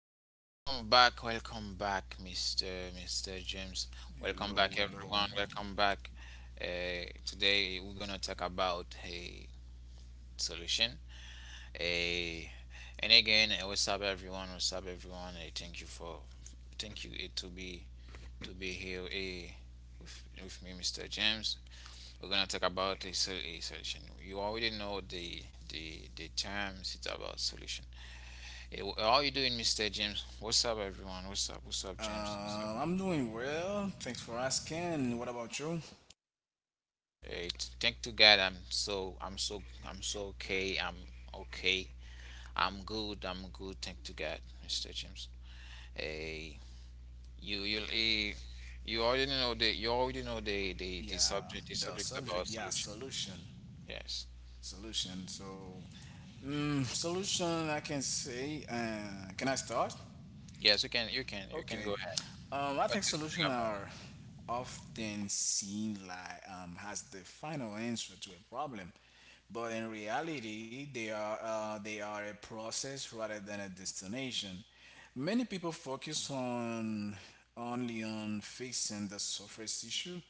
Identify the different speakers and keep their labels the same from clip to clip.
Speaker 1: back, welcome back, welcome back, Mr. James. Welcome back,
Speaker 2: Hello,
Speaker 1: everyone.
Speaker 2: hello.
Speaker 1: Welcome back. Today we're gonna talk about a solution. A and again, what's up, everyone? What's up, everyone? Thank you to be here with me, Mr. James. We're gonna talk about a solution. You already know the terms. It's about solution. Hey, how are you doing, Mr. James? What's up, everyone? What's up? What's up, James? What's up?
Speaker 2: I'm doing well. Thanks for asking. What about you?
Speaker 1: Hey, thank to God, I'm so okay. I'm okay. I'm good. I'm good. Thank to God, Mr. James. Hey, you, you, eh, you already know the
Speaker 2: Yeah,
Speaker 1: subject, the
Speaker 2: the
Speaker 1: subjects about
Speaker 2: subject, yeah,
Speaker 1: solution.
Speaker 2: solution.
Speaker 1: Yes,
Speaker 2: Solution. So, mm, solution, I can say, can I start?
Speaker 1: yes, you can, go
Speaker 2: Okay.
Speaker 1: ahead.
Speaker 2: I
Speaker 1: What
Speaker 2: think
Speaker 1: do you
Speaker 2: solutions
Speaker 1: think about?
Speaker 2: are often seen like as the final answer to a problem, but in reality, they are a process rather than a destination. Many people focus on only on fixing the surface issue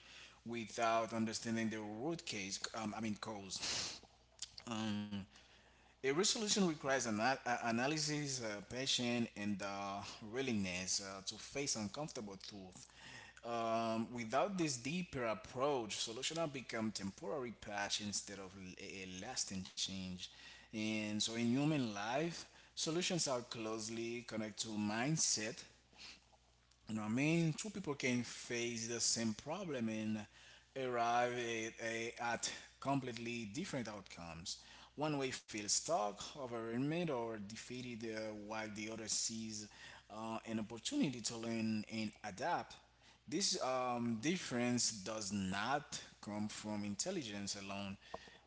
Speaker 2: without understanding the root case. I mean cause. Um, a resolution requires an analysis, passion, and willingness to face uncomfortable truth. Without this deeper approach, solutions have become temporary patch instead of a lasting change. And so, in human life, solutions are closely connected to mindset, you know what I mean? Two people can face the same problem and arrive at completely different outcomes. One way feels stuck, overwhelmed, or defeated, while the other sees an opportunity to learn and adapt. This difference does not come from intelligence alone,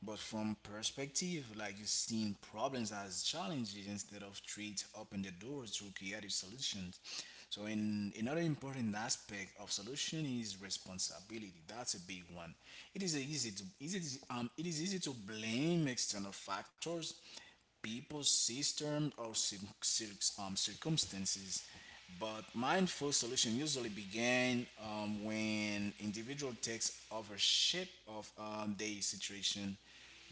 Speaker 2: but from perspective, like you've seen problems as challenges instead of treat open the doors to creative solutions. So in another important aspect of solution is responsibility. That's a big one. It is easy to easy it is easy to blame external factors people's systems or circumstances. But mindful solution usually begin when individual takes ownership of their situation.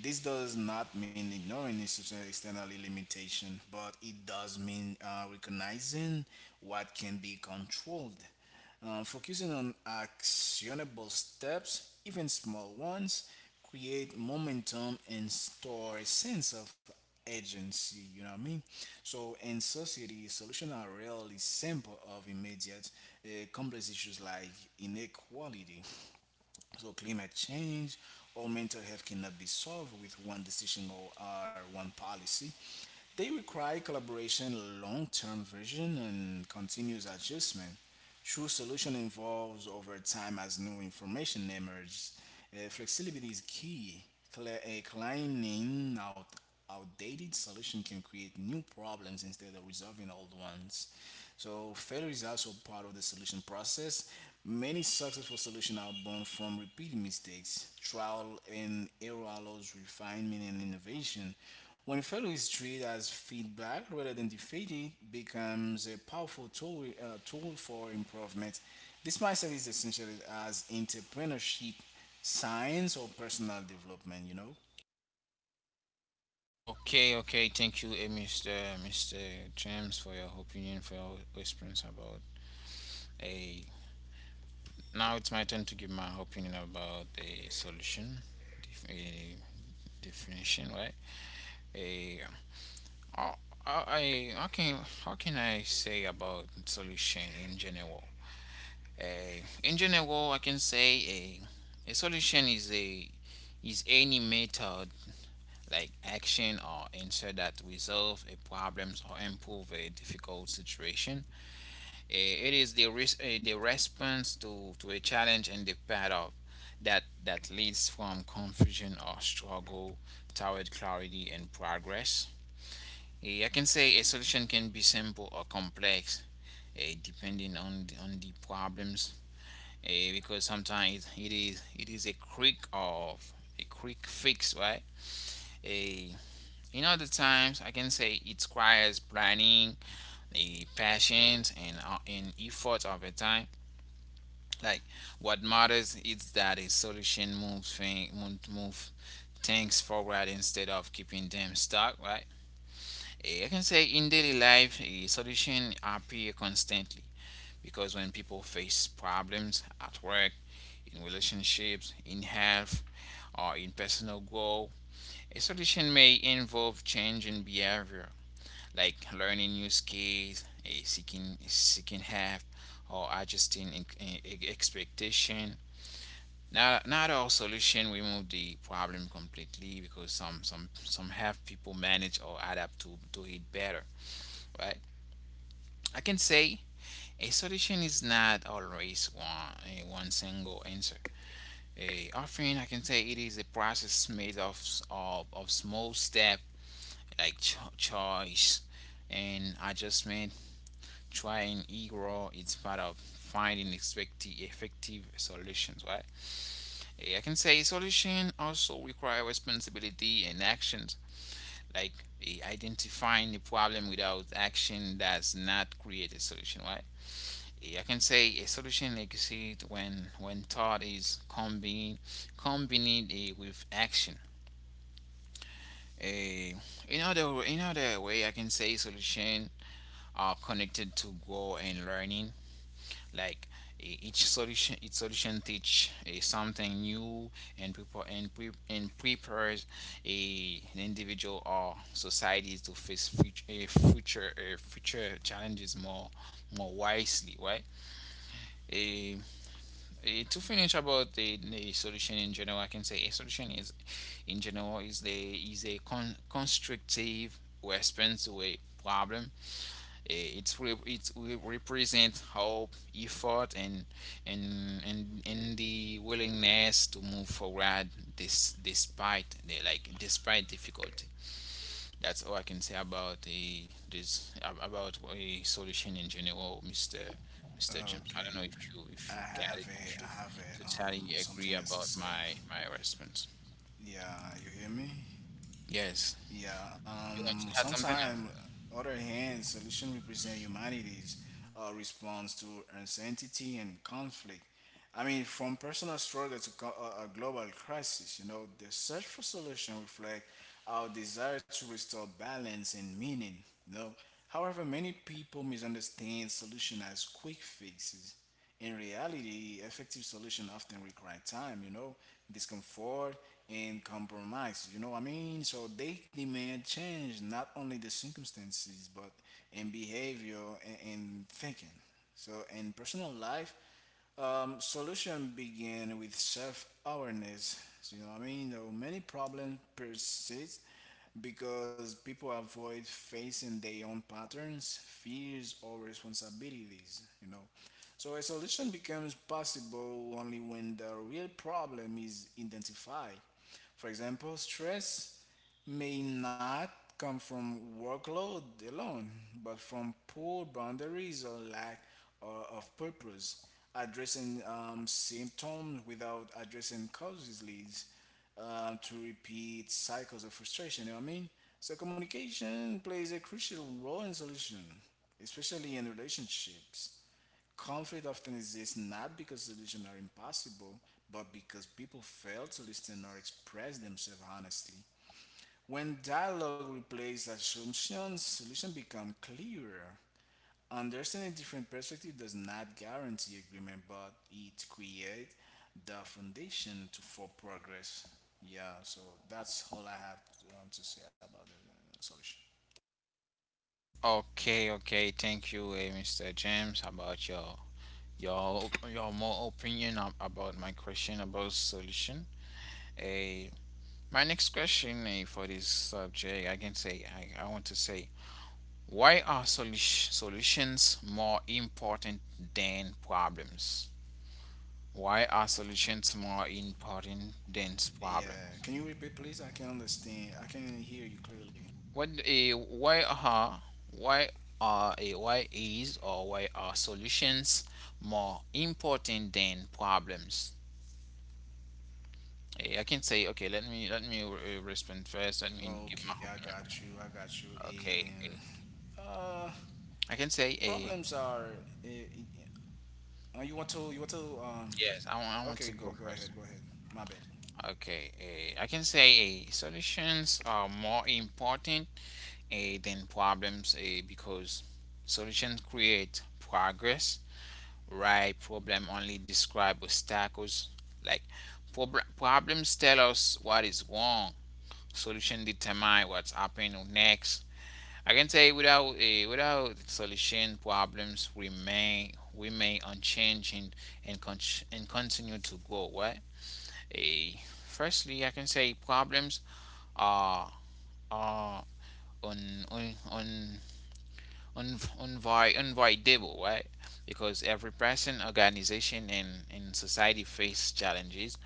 Speaker 2: This does not mean ignoring institutional external limitation, but it does mean recognizing what can be controlled. Focusing on actionable steps, even small ones, create momentum and store a sense of agency, you know what I mean? So in society, solutions are rarely simple of immediate complex issues like inequality. So climate change or mental health cannot be solved with one decision or one policy. They require collaboration, long-term vision, and continuous adjustment. True solution evolves over time as new information emerges flexibility is key. Climbing out outdated solution can create new problems instead of resolving old ones. So failure is also part of the solution process. Many successful solutions are born from repeated mistakes. Trial and error allows refinement and innovation. When failure is treated as feedback rather than defeat, it becomes a powerful tool for improvement. This mindset is essential as entrepreneurship, science or personal development, you know?
Speaker 1: Okay, okay. Thank you, Mr. James, for your opinion, for your response about a Now it's my turn to give my opinion about the solution def- eh, definition, right? A I, how can I say about solution in general? A in general, I can say a solution is a is any method, like action or answer, that resolve a problem or improve a difficult situation. It is the the response to a challenge, and the path of that that leads from confusion or struggle toward clarity and progress. I can say a solution can be simple or complex, depending on on the problems. Because sometimes it is a quick fix, right? Eh, in other times, I can say it requires planning, a patience, and effort over time. Like, what matters is that a solution moves thing move, move things forward instead of keeping them stuck, right? I can say in daily life, a solution appear constantly, because when people face problems at work, in relationships, in health, or in personal growth, a solution may involve change in behavior, like learning new skills, seeking help, or adjusting expectation. Not all solution remove the problem completely, because some have people manage or adapt to it better, right? I can say a solution is not always one single answer. A often I can say it is a process made of small step, like choice and adjustment. Trying error is part of finding effective solutions, right? I can say solution also require responsibility and actions, like, identifying the problem without action does not create a solution, right? I can say a solution exists when thought is combined with action. Eh, in other way, I can say solution are connected to growth and learning. Like, each solution, teach something new and prepares a an individual or societies to face future challenges more wisely, right? Eh, to finish about the solution in general, I can say a solution is, in general, is the is a constructive response to a problem. It will represent hope, effort, and the willingness to move forward, this despite the like despite difficulty. That's all I can say about a solution in general, Mister James. I don't know
Speaker 2: Okay.
Speaker 1: if you
Speaker 2: I
Speaker 1: get it,
Speaker 2: have
Speaker 1: if
Speaker 2: a
Speaker 1: you
Speaker 2: I have a um
Speaker 1: totally agree
Speaker 2: something else to
Speaker 1: about
Speaker 2: say.
Speaker 1: my response.
Speaker 2: Yeah, you hear me?
Speaker 1: Yes,
Speaker 2: Yeah,
Speaker 1: you want to add something?
Speaker 2: sometimes other hand solution represent humanity's response to uncertainty and conflict. I mean, from personal struggle to a global crisis, you know, the search for solution reflect our desire to restore balance and meaning. You know, however, many people misunderstand solution as quick fixes in reality, effective solutions often require time, you know, discomfort and compromise, you know what I mean? So they demand change, not only the circumstances, but in behavior and thinking. So in personal life, solution begin with self-awareness. So, you know what I mean? You know, many problems persist because people avoid facing their own patterns, fears, or responsibilities. You know, so a solution becomes possible only when the real problem is identified. For example, stress may not come from workload alone, but from poor boundaries or lack of purpose. Addressing symptoms without addressing causes leads to repeat cycles of frustration. You know what I mean? So communication plays a crucial role in solution, especially in relationships. Conflict often exists not because solutions are impossible, but because people fail to listen or express themselves honestly. When dialogue replaces assumptions, solutions become clearer. Understanding different perspectives does not guarantee agreement, but it creates the foundation to, for progress. Yeah, so that's all I have to say about the solution.
Speaker 1: Okay, okay. Thank you, Mr. James, about your your more opinion about my question about solution. Eh, my next question, for this subject, I can say I want to say, why are solutions more important than problems? Why are solutions more important than
Speaker 2: Yeah,
Speaker 1: problems?
Speaker 2: can you repeat, please? I can understand. I can hear you clearly.
Speaker 1: What a why are a why is or why are solutions more important than problems? I can say, okay, let me respond first. Let me give my
Speaker 2: Okay, I
Speaker 1: opinion
Speaker 2: got
Speaker 1: first.
Speaker 2: you. I got you.
Speaker 1: Okay,
Speaker 2: And uh,
Speaker 1: I can say a
Speaker 2: problems are. Uh, you want to
Speaker 1: yes. I want
Speaker 2: Okay,
Speaker 1: to
Speaker 2: go
Speaker 1: go
Speaker 2: go
Speaker 1: first.
Speaker 2: ahead, go ahead. My bad.
Speaker 1: Okay, I can say a solutions are more important, than problems, because solutions create progress, right? Problem only describe obstacles. Like, problems tell us what is wrong. Solution determine what's happening next. I can say without a without solution, problems remain, unchanged, and and, con- and continue to grow. What a Firstly, I can say problems are are on on on un- unavoidable, right? Because every person, organization, and, in society face challenges.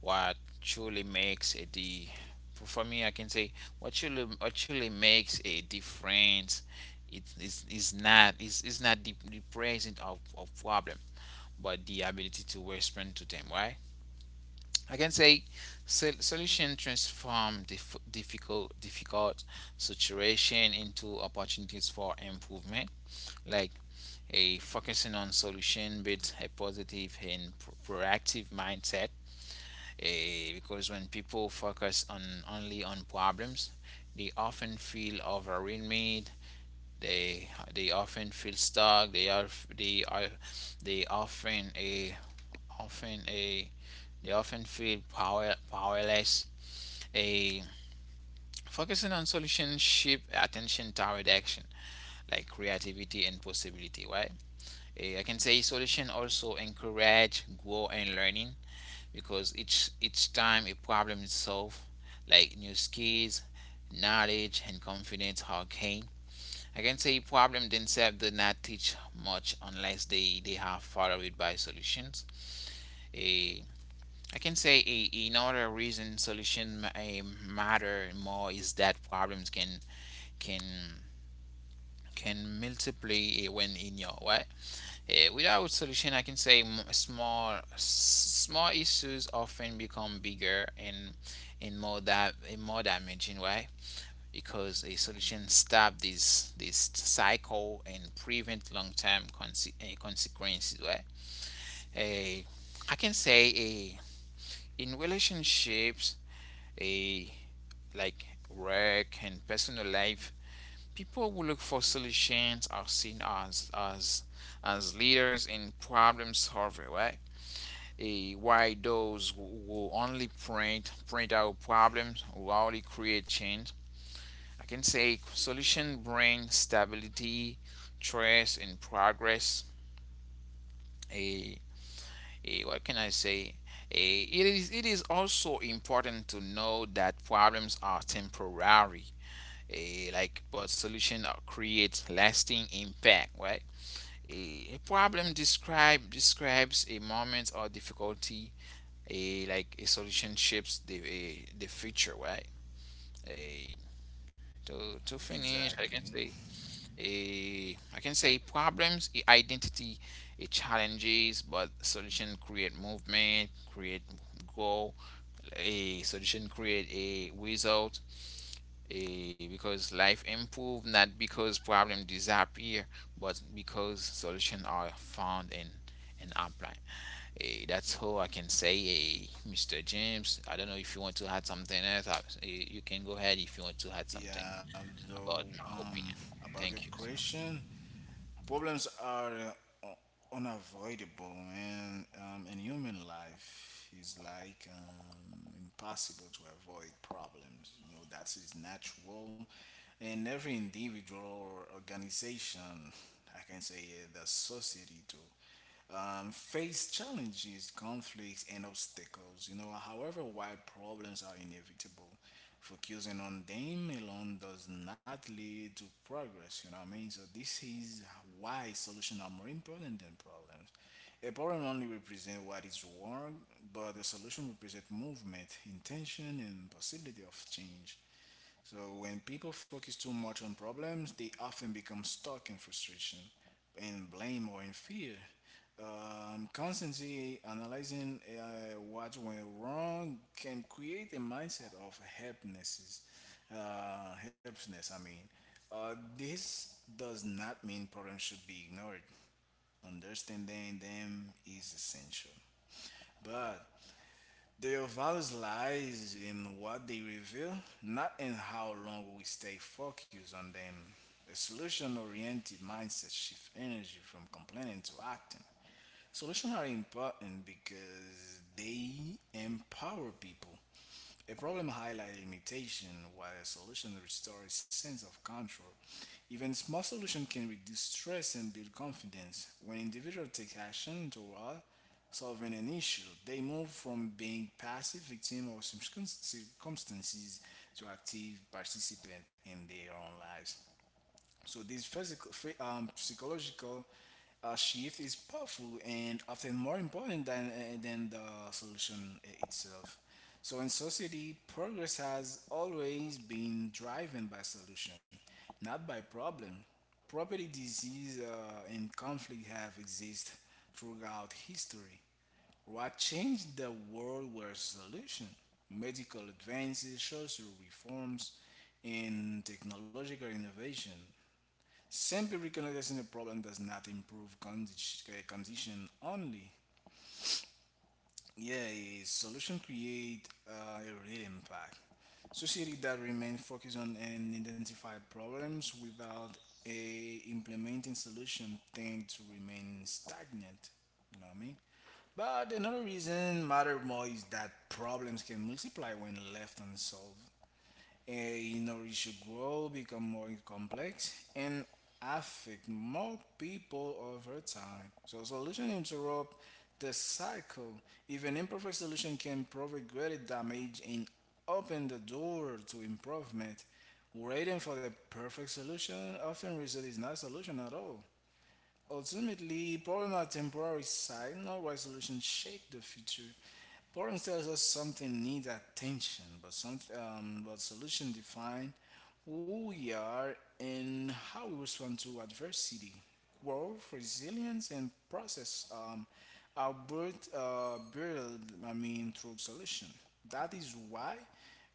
Speaker 1: What truly makes a the For me, I can say, what truly makes a difference. It is not the presence of problem, but the ability to respond to them, right? I can say solution transform difficult situation into opportunities for improvement. Like, a focusing on solution builds a positive and proactive mindset. A Because when people focus on only on problems, they often feel overwhelmed, they often feel stuck, they are they are they often a often a they often feel powerless. A Focusing on solution shift attention toward action, like creativity and possibility, right? I can say solution also encourage grow and learning, because each time a problem is solved, like, new skills, knowledge, and confidence are gained. I can say problem themselves do not teach much unless they are followed by solutions. Eh, I can say another reason solution matter more is that problems can can multiply, when in your way. Without solution, I can say small issues often become bigger, and in more damaging way. Because a solution stop this cycle and prevent long term consequences, right? A I can say, a in relationships, a like work and personal life, people who look for solutions are seen as leaders in problem solver, right? Why those who only print out problems who only create change. I can say solution bring stability, trust, and progress. A, a What can I say? It is it is also important to know that problems are temporary. A, like But solution creates lasting impact, right? A Problem describes a moment or difficulty, a like a solution shapes the future, right. A to, to finish, I can
Speaker 2: Exactly.
Speaker 1: say, a I can say problems, identity, a challenges, but solution create movement, create goal. A solution create a result, because life improve, not because problem disappear, but because solution are found and apply. That's all I can say, mr james. I don't know if you want to add something else. You can go ahead if you want to add something
Speaker 2: Yeah. So
Speaker 1: about my
Speaker 2: um,
Speaker 1: opinion.
Speaker 2: about your
Speaker 1: Thank you, sir.
Speaker 2: question, problems are unavoidable, man. In human life, is like impossible to avoid problems. You know that is natural, and every individual or organization, I can say, the society too face challenges, conflicts, and obstacles. You know, however, while problems are inevitable, focusing on them alone does not lead to progress. You know what I mean? So this is why solutions are more important than problems. A problem only represents what is wrong, but the solution represents movement, intention, and possibility of change. So when people focus too much on problems, they often become stuck in frustration, in blame, or in fear. Constantly analyzing what went wrong can create a mindset of helplessness. Helplessness, I mean. This does not mean problems should be ignored. Understanding them is essential. But their values lies in what they reveal, not in how long we stay focused on them. A solution oriented mindset shifts energy from complaining to acting. Solutions are important because they empower people. A problem highlights a limitation while a solution restores sense of control. Even small solutions can reduce stress and build confidence. When individuals take action toward solving an issue, they move from being passive victims of circumstances to active participants in their own lives. So this psychological shift is powerful and often more important than than the solution itself. So in society, progress has always been driven by solution, not by problem. Property, disease, and conflict have existed throughout history. What changed the world were solutions, medical advances, social reforms, and technological innovation. Simply recognizing a problem does not improve condition only. Yeah, a solution create a real impact. Society that remain focused on and identify problems without a implementing solution tend to remain stagnant. You know what I mean? But another reason matter more is that problems can multiply when left unsolved and you know grow become more complex and affect more people over time so solution interrupt the cycle if an imperfect solution can provide greater damage and open the door to improvement waiting for the perfect solution often result is not solution at all ultimately problem are temporary sign not right solution shape the future. Problems tells us something needs attention, but some but solution define who we are and how we respond to adversity, growth, resilience, and process are built. I mean through solution. That is why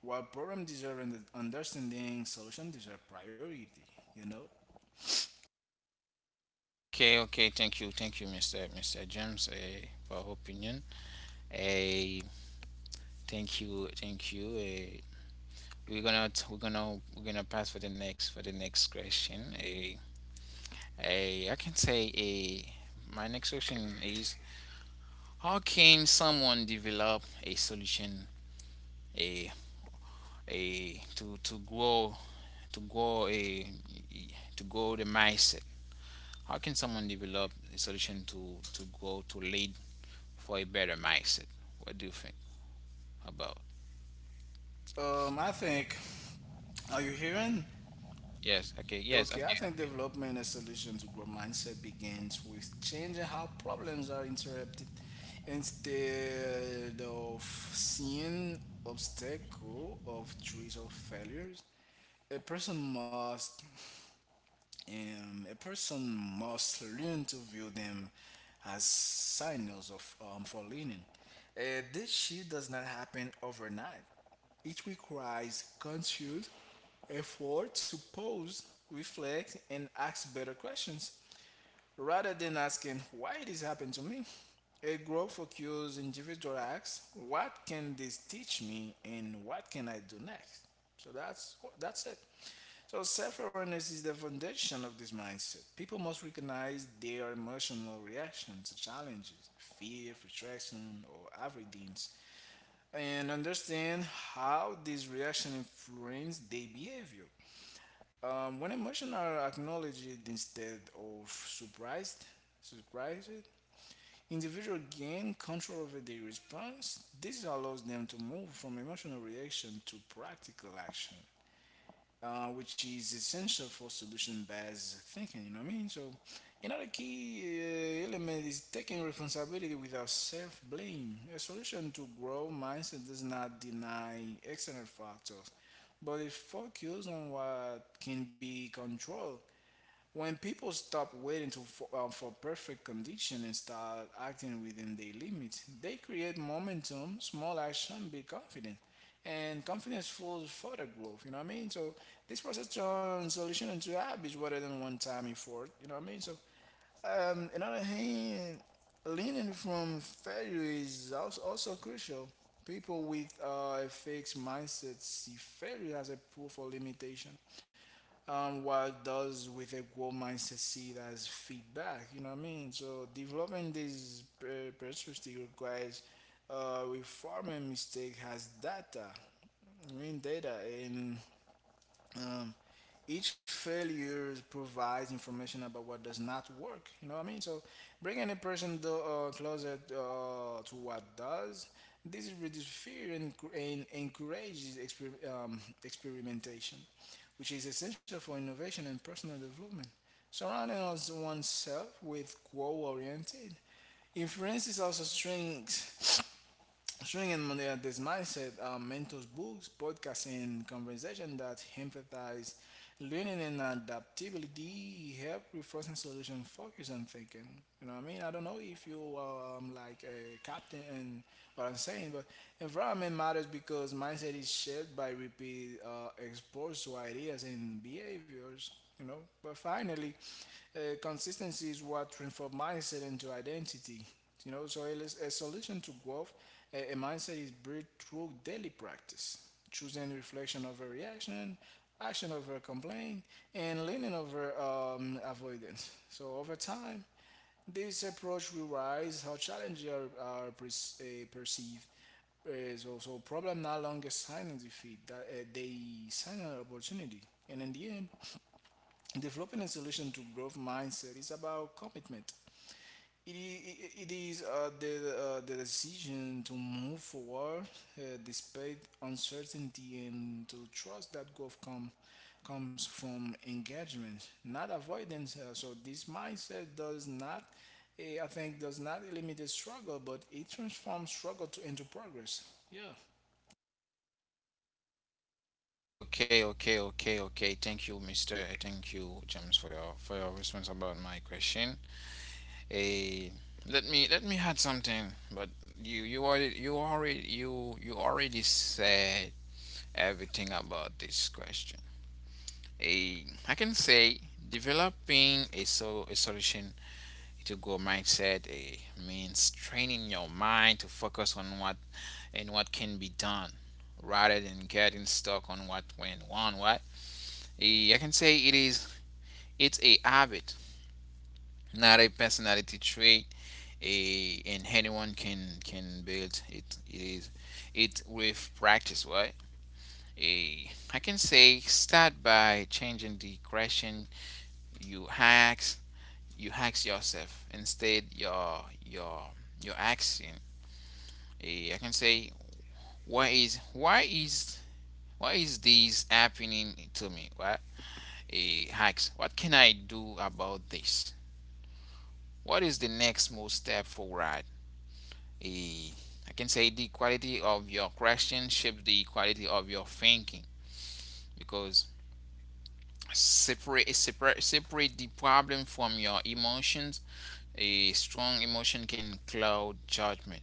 Speaker 2: while problem deserve an understanding, solution deserve priority. You
Speaker 1: Okay, okay, thank you, thank you, Mr. james, for your opinion. Eh, Thank you, thank you, we're gonna we're gonna pass for the next, question. I can say a. My next question is: how can someone develop a solution, a a to grow, to grow a to grow the mindset? How can someone develop a solution to grow, to lead for a better mindset? What do you think about?
Speaker 2: know. I think. Are you hearing?
Speaker 1: Yes. Okay. Yes.
Speaker 2: Okay, I think
Speaker 1: Okay.
Speaker 2: development and solution to growth mindset begins with changing how problems are interpreted instead of seeing obstacle of trees or failures. A person must a person must learn to view them as signals of for leaning. This shift does not happen overnight. It requires conscious effort to pause, reflect, and ask better questions. Rather than asking why this happened to me, a group focused individual asks, what can this teach me, and what can I do next? So that's it. So self-awareness is the foundation of this mindset. People must recognize their emotional reactions to challenges, fear, frustration, or avoidance, and understand how these reactions influence their behavior. When emotional acknowledged instead of surprised, individual gain control over their response. This allows them to move from emotional reaction to practical action which is essential for solution-based thinking. You know what I mean? So, another key element is taking responsibility without self-blame. A solution to growth mindset does not deny external factors, but it focuses on what can be controlled. When people stop waiting for perfect condition and start acting within their limits, they create momentum, small action, big confidence. And confidence fuels further growth, you know what I mean? So this process turns solution into habits rather than one time effort, you know what I mean? So another hand, learning from failure is also crucial. People with a fixed mindset see failure as a proof of limitation what does with a growth mindset see it as feedback. You know what I mean? So developing this perspective requires reforming mistake has data. I mean data and um, each failure provides information about what does not work. You know what I mean? So bringing a person the closer to what does. This reduces fear and encourages experimentation, which is essential for innovation and personal development. Surrounding us oneself with goal-oriented influences also strengths showing on this mindset mentors books, podcasts, and conversation that emphasize learning and adaptability help reinforcing solution focus on thinking. You know what I mean? I don't know if you are like a captain and what I'm saying, but environment matters because mindset is shaped by repeat exposed to ideas and behaviors. You know, but finally, consistency is what transforms mindset into identity. You know, so it is a solution to growth a mindset is built through daily practice, choosing reflection over reaction, action over complaint, and leaning over avoidance. So over time, this approach rewrites how challenges are perceived. Is also problem no longer sign of defeat; that they sign an opportunity. And in the end, developing a solution to growth mindset is about commitment It is the decision to move forward despite uncertainty and to trust that comes from engagement, not avoidance. So this mindset does not, eh, I think, does not eliminate struggle, but it transforms struggle into progress. Yeah.
Speaker 1: Okay. Okay. Okay. Okay. Thank you, Mister. I Thank you, James, for your response about my question. A Let me add something, but you already, you already said everything about this question. A I can say developing a solution to go mindset, means training your mind to focus on what and what can be done rather than getting stuck on what went wrong what I can say it is, it's a habit, not a personality trait. And anyone can build it with practice, right? a I can say, start by changing the question you hacks you hacks yourself, instead your action. I can say, why is, this happening to me? What? A hacks What can I do about this? What is the next most step forward? eh, I can say the quality of your question shapes the quality of your thinking, because separate the problem from your emotions. A strong emotion can cloud judgment,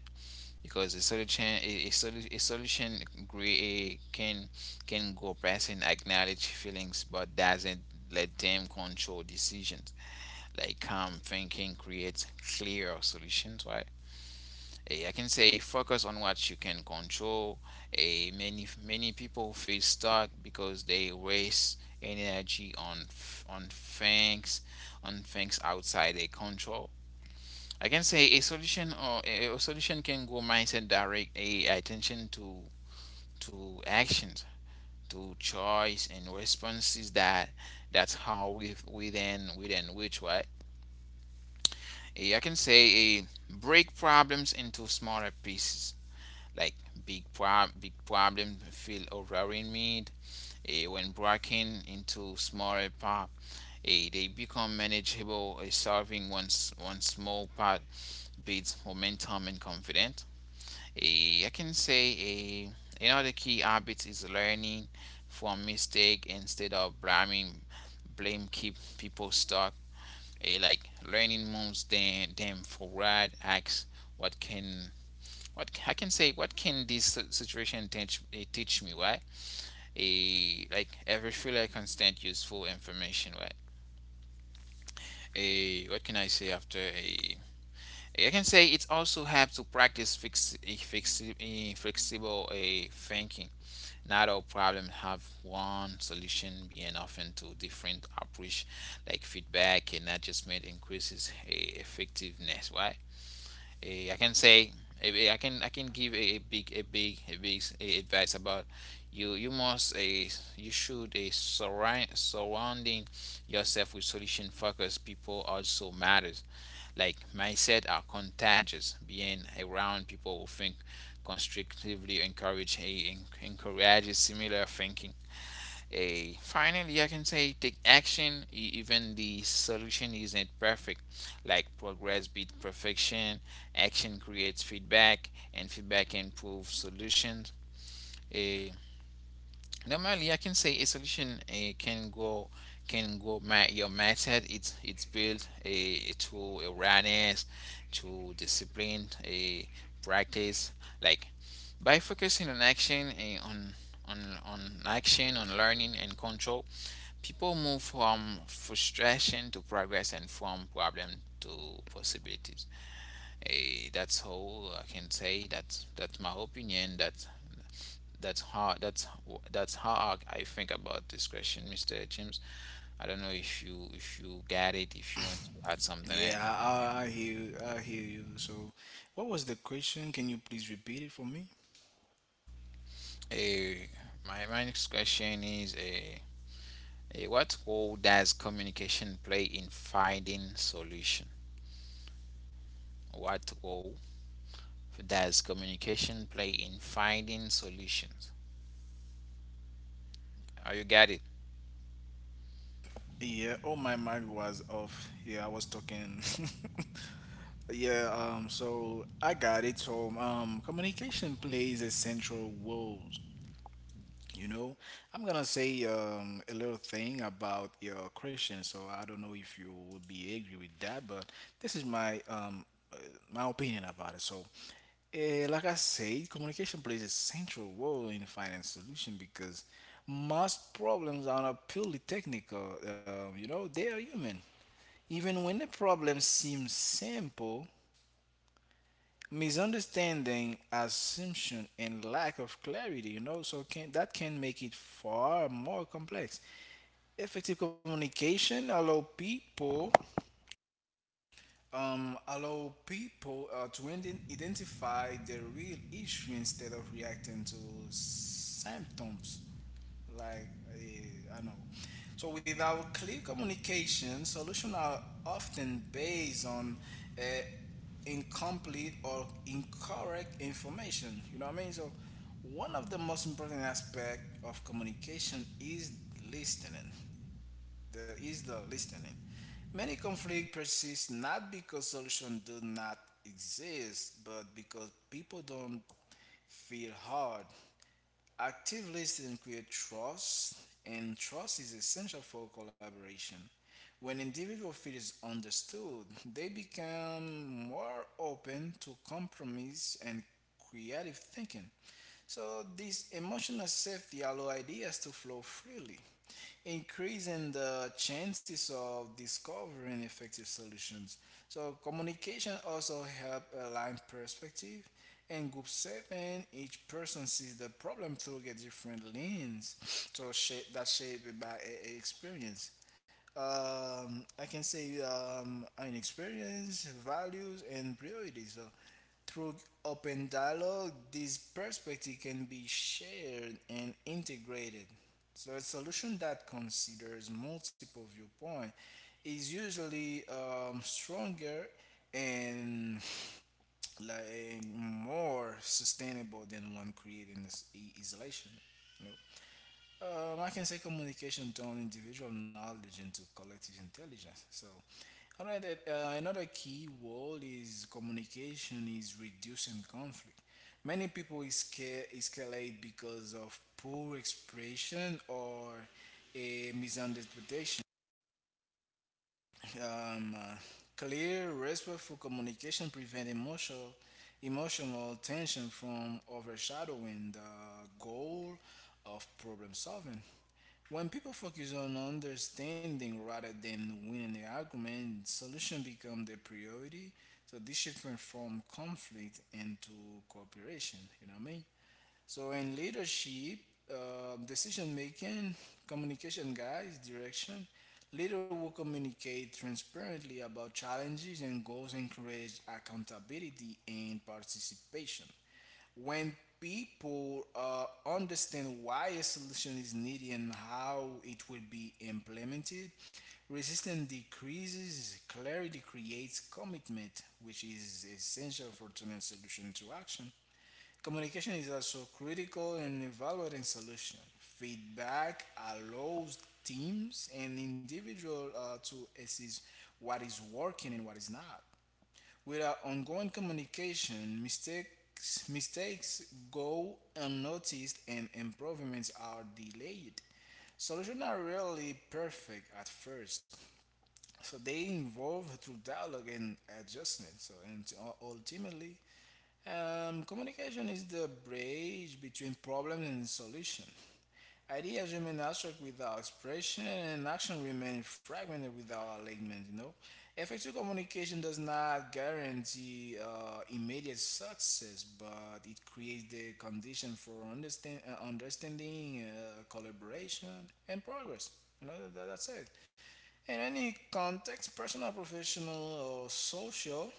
Speaker 1: because a solution, a solution gray, can go past and acknowledge feelings, but doesn't let them control decisions. Like, calm thinking creates clear solutions, right? I can say, focus on what you can control. A Many people feel stuck because they waste energy on on things, outside their control. I can say a solution can go mindset direct a attention to actions, to choice and responses that's how we within which, right. I can say a break problems into smaller pieces, like big problem feel overwhelming me, when breaking into smaller part, they become manageable, solving one small part builds momentum and confidence. I can say another key habit is learning from mistake instead of blaming. Blame keep people stuck. Like learning moves them forward acts. What can what I can say, what can this situation teach, teach me? Why? A Like every filler constant useful information. Right? A What can I say after a? I can say it's also help to practice fix eh, flexi- eh, flexible a thinking. Not all problems have one solution, being often to different approach, like feedback and adjustment increases effectiveness. Why? I can say I can give a, big advice about you you must a uh, you should a surrounding yourself with solution focused people also matters. Like mindset are contagious. Being around people who think constructively encourages similar thinking. A finally I can say take action, even the solution isn't perfect. Like progress beat perfection. Action creates feedback and feedback improves solutions. Eh, Normally I can say a solution can go my your method, it's built a to awareness, to discipline, a practice. Like by focusing on action, eh, on on action, on learning and control. People move from frustration to progress and from problem to possibilities. That's how I can say that. That's my opinion. That's how that's that's how I think about this question, Mister James. I don't know if you get it. If you want to add something
Speaker 2: Yeah,
Speaker 1: else.
Speaker 2: I hear you. So, what was the question? Can you please repeat it for me?
Speaker 1: Eh, my next question is what role does communication play in finding solution? What role does communication play in finding solutions? Oh, you got it.
Speaker 2: Yeah, oh my mic was off. Yeah, I was talking. Yeah, so I got it. So, communication plays a central role. You know, I'm gonna say a little thing about your question. So I don't know if you would be agree with that, but this is my uh, my opinion about it. So, like I said, communication plays a central role in finance solution because most problems are not purely technical. You know, they are human. Even when the problem seems simple, misunderstanding, assumption, and lack of clarity. You know, so can that can make it far more complex. Effective communication allow people Allow people to identify the real issue instead of reacting to symptoms like I know. So without clear communication, solutions are often based on uh, incomplete or incorrect information. You know what I mean? So one of the most important aspect of communication is listening. There is the listening. Many conflict persist not because solutions do not exist, but because people don't feel hard. Active listening creates trust, and trust is essential for collaboration. When individual feels understood, they become more open to compromise and creative thinking. So this emotional safety allows ideas to flow freely, increasing the chances of discovering effective solutions. So communication also help align perspective. In group seven, each person sees the problem through a different lens, so shape that shaped by a experience. I can say an experience, values, and priorities. So through open dialogue, these perspectives can be shared and integrated. So, a solution that considers multiple viewpoints is usually stronger and like more sustainable than one created in this isolation. I can say communication turn individual knowledge into collective intelligence. So, another, another key word is communication is reducing conflict. Many people escalate because of poor expression or a misunderstanding. Um, uh, Clear, respectful communication prevent emotional tension from overshadowing the goal of problem solving. When people focus on understanding rather than winning the argument, solution become the priority. So this shift went from conflict into cooperation. You know what I mean? So in leadership, decision making, communication, guys, direction. Leader will communicate transparently about challenges and goals, encourage accountability and participation. When people understand why a solution is needed and how it will be implemented, resistance decreases, clarity creates commitment, which is essential for turning solution to action. Communication is also critical in evaluating solution. Feedback allows teams and individual to assess what is working and what is not. Without ongoing communication, mistakes go unnoticed and improvements are delayed. Solutions are rarely perfect at first, so they evolve through dialogue and adjustment. So and ultimately, communication is the bridge between problem and solution. Ideas remain abstract without expression, and action remains fragmented without alignment. You know, effective communication does not guarantee immediate success, but it creates the condition for understanding, collaboration, and progress. You know, that's it. In any context, personal, professional, or social,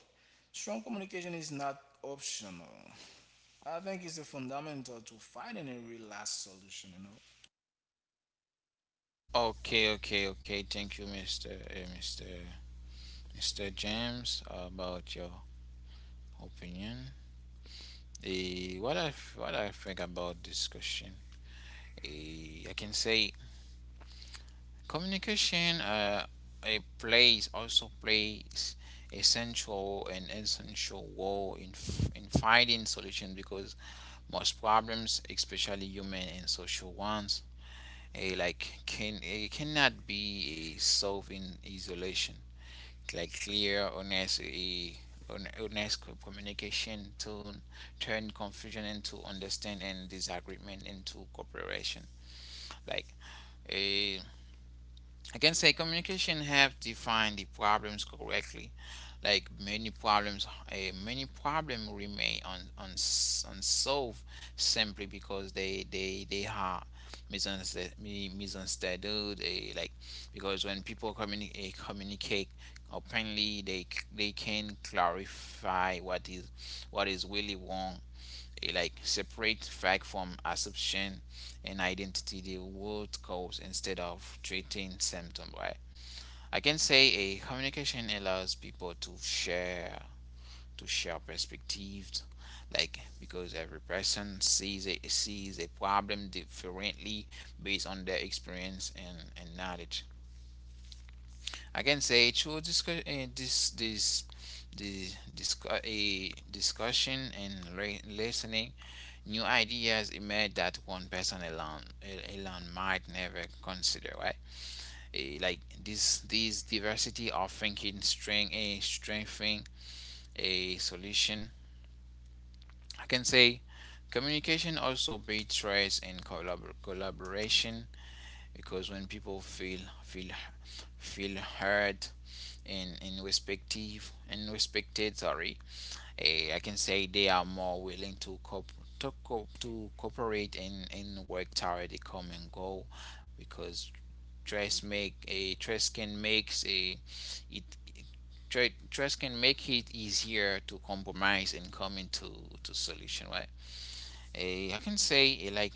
Speaker 2: strong communication is not optional. I think it's a fundamental to finding a real last solution, you know?
Speaker 1: Okay, okay, okay. Thank you, Mr. James, about your opinion. Eh, what I what I think about this question? I can say communication, it plays also plays a central and essential role in in finding solutions because most problems, especially human and social ones, a like can it cannot be a solved in isolation. Like clear honest a honest communication to turn confusion into understanding and disagreement into cooperation. Like a I can say communication helps define the problems correctly. Like many problems, remain unsolved simply because they are misunderstood, misunderstood. Like because when people communicate openly, they can clarify what is really wrong, like separate fact from assumption and identity the root cause instead of treating symptom, right. I can say a communication allows people to share perspectives, like because every person sees a problem differently based on their experience and knowledge. I can say through discuss, this this the discuss, a discussion and listening, new ideas emerge that one person alone might never consider, right? Like this diversity of thinking strengthening a solution. I can say communication also breeds trust and collaboration because when people feel heard and respective and respected, sorry. I can say they are more willing to coop to, co to cooperate and work toward a common goal, because trust can makes a it, it tra- trust can make it easier to compromise and come into to solution, right. A I can say, a like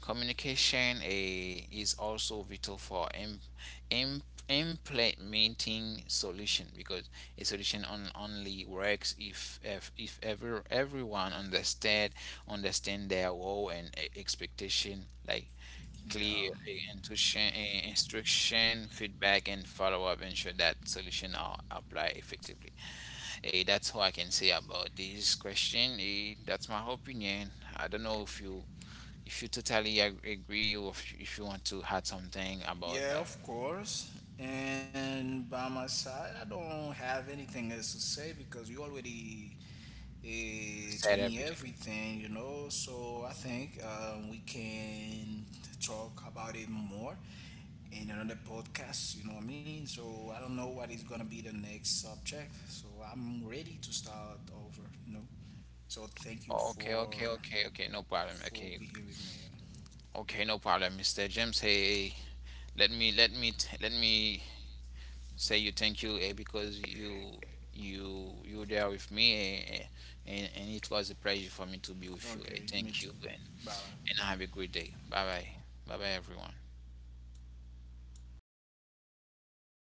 Speaker 1: communication a is also vital for im, implementing solution because a solution only works if if ever everyone understand their role and expectation, like
Speaker 2: Yeah.
Speaker 1: clear instruction, feedback and follow-up ensure that solution are applied effectively. That's all I can say about this question. That's my opinion. I don't know if you totally agree, or if you want to add something about
Speaker 2: Yeah,
Speaker 1: that.
Speaker 2: of course. And by my side, I don't have anything else to say because you already told
Speaker 1: Said
Speaker 2: me
Speaker 1: everything.
Speaker 2: everything, you know? So I think we can talk about it more in another podcast, you know what I mean? So I don't know what is going to be the next subject. So I'm ready to start over, you know? So thank you
Speaker 1: Oh, okay, okay, okay, okay. No problem.
Speaker 2: for
Speaker 1: Okay,
Speaker 2: being here with me.
Speaker 1: okay, no problem, Mr. James. Hey, hey, let me say you thank you, because you were there with me, and it was a pleasure for me to be with you.
Speaker 2: Okay, me
Speaker 1: Thank
Speaker 2: too.
Speaker 1: you
Speaker 2: Bye.
Speaker 1: and have a great day. Bye bye. Bye bye everyone.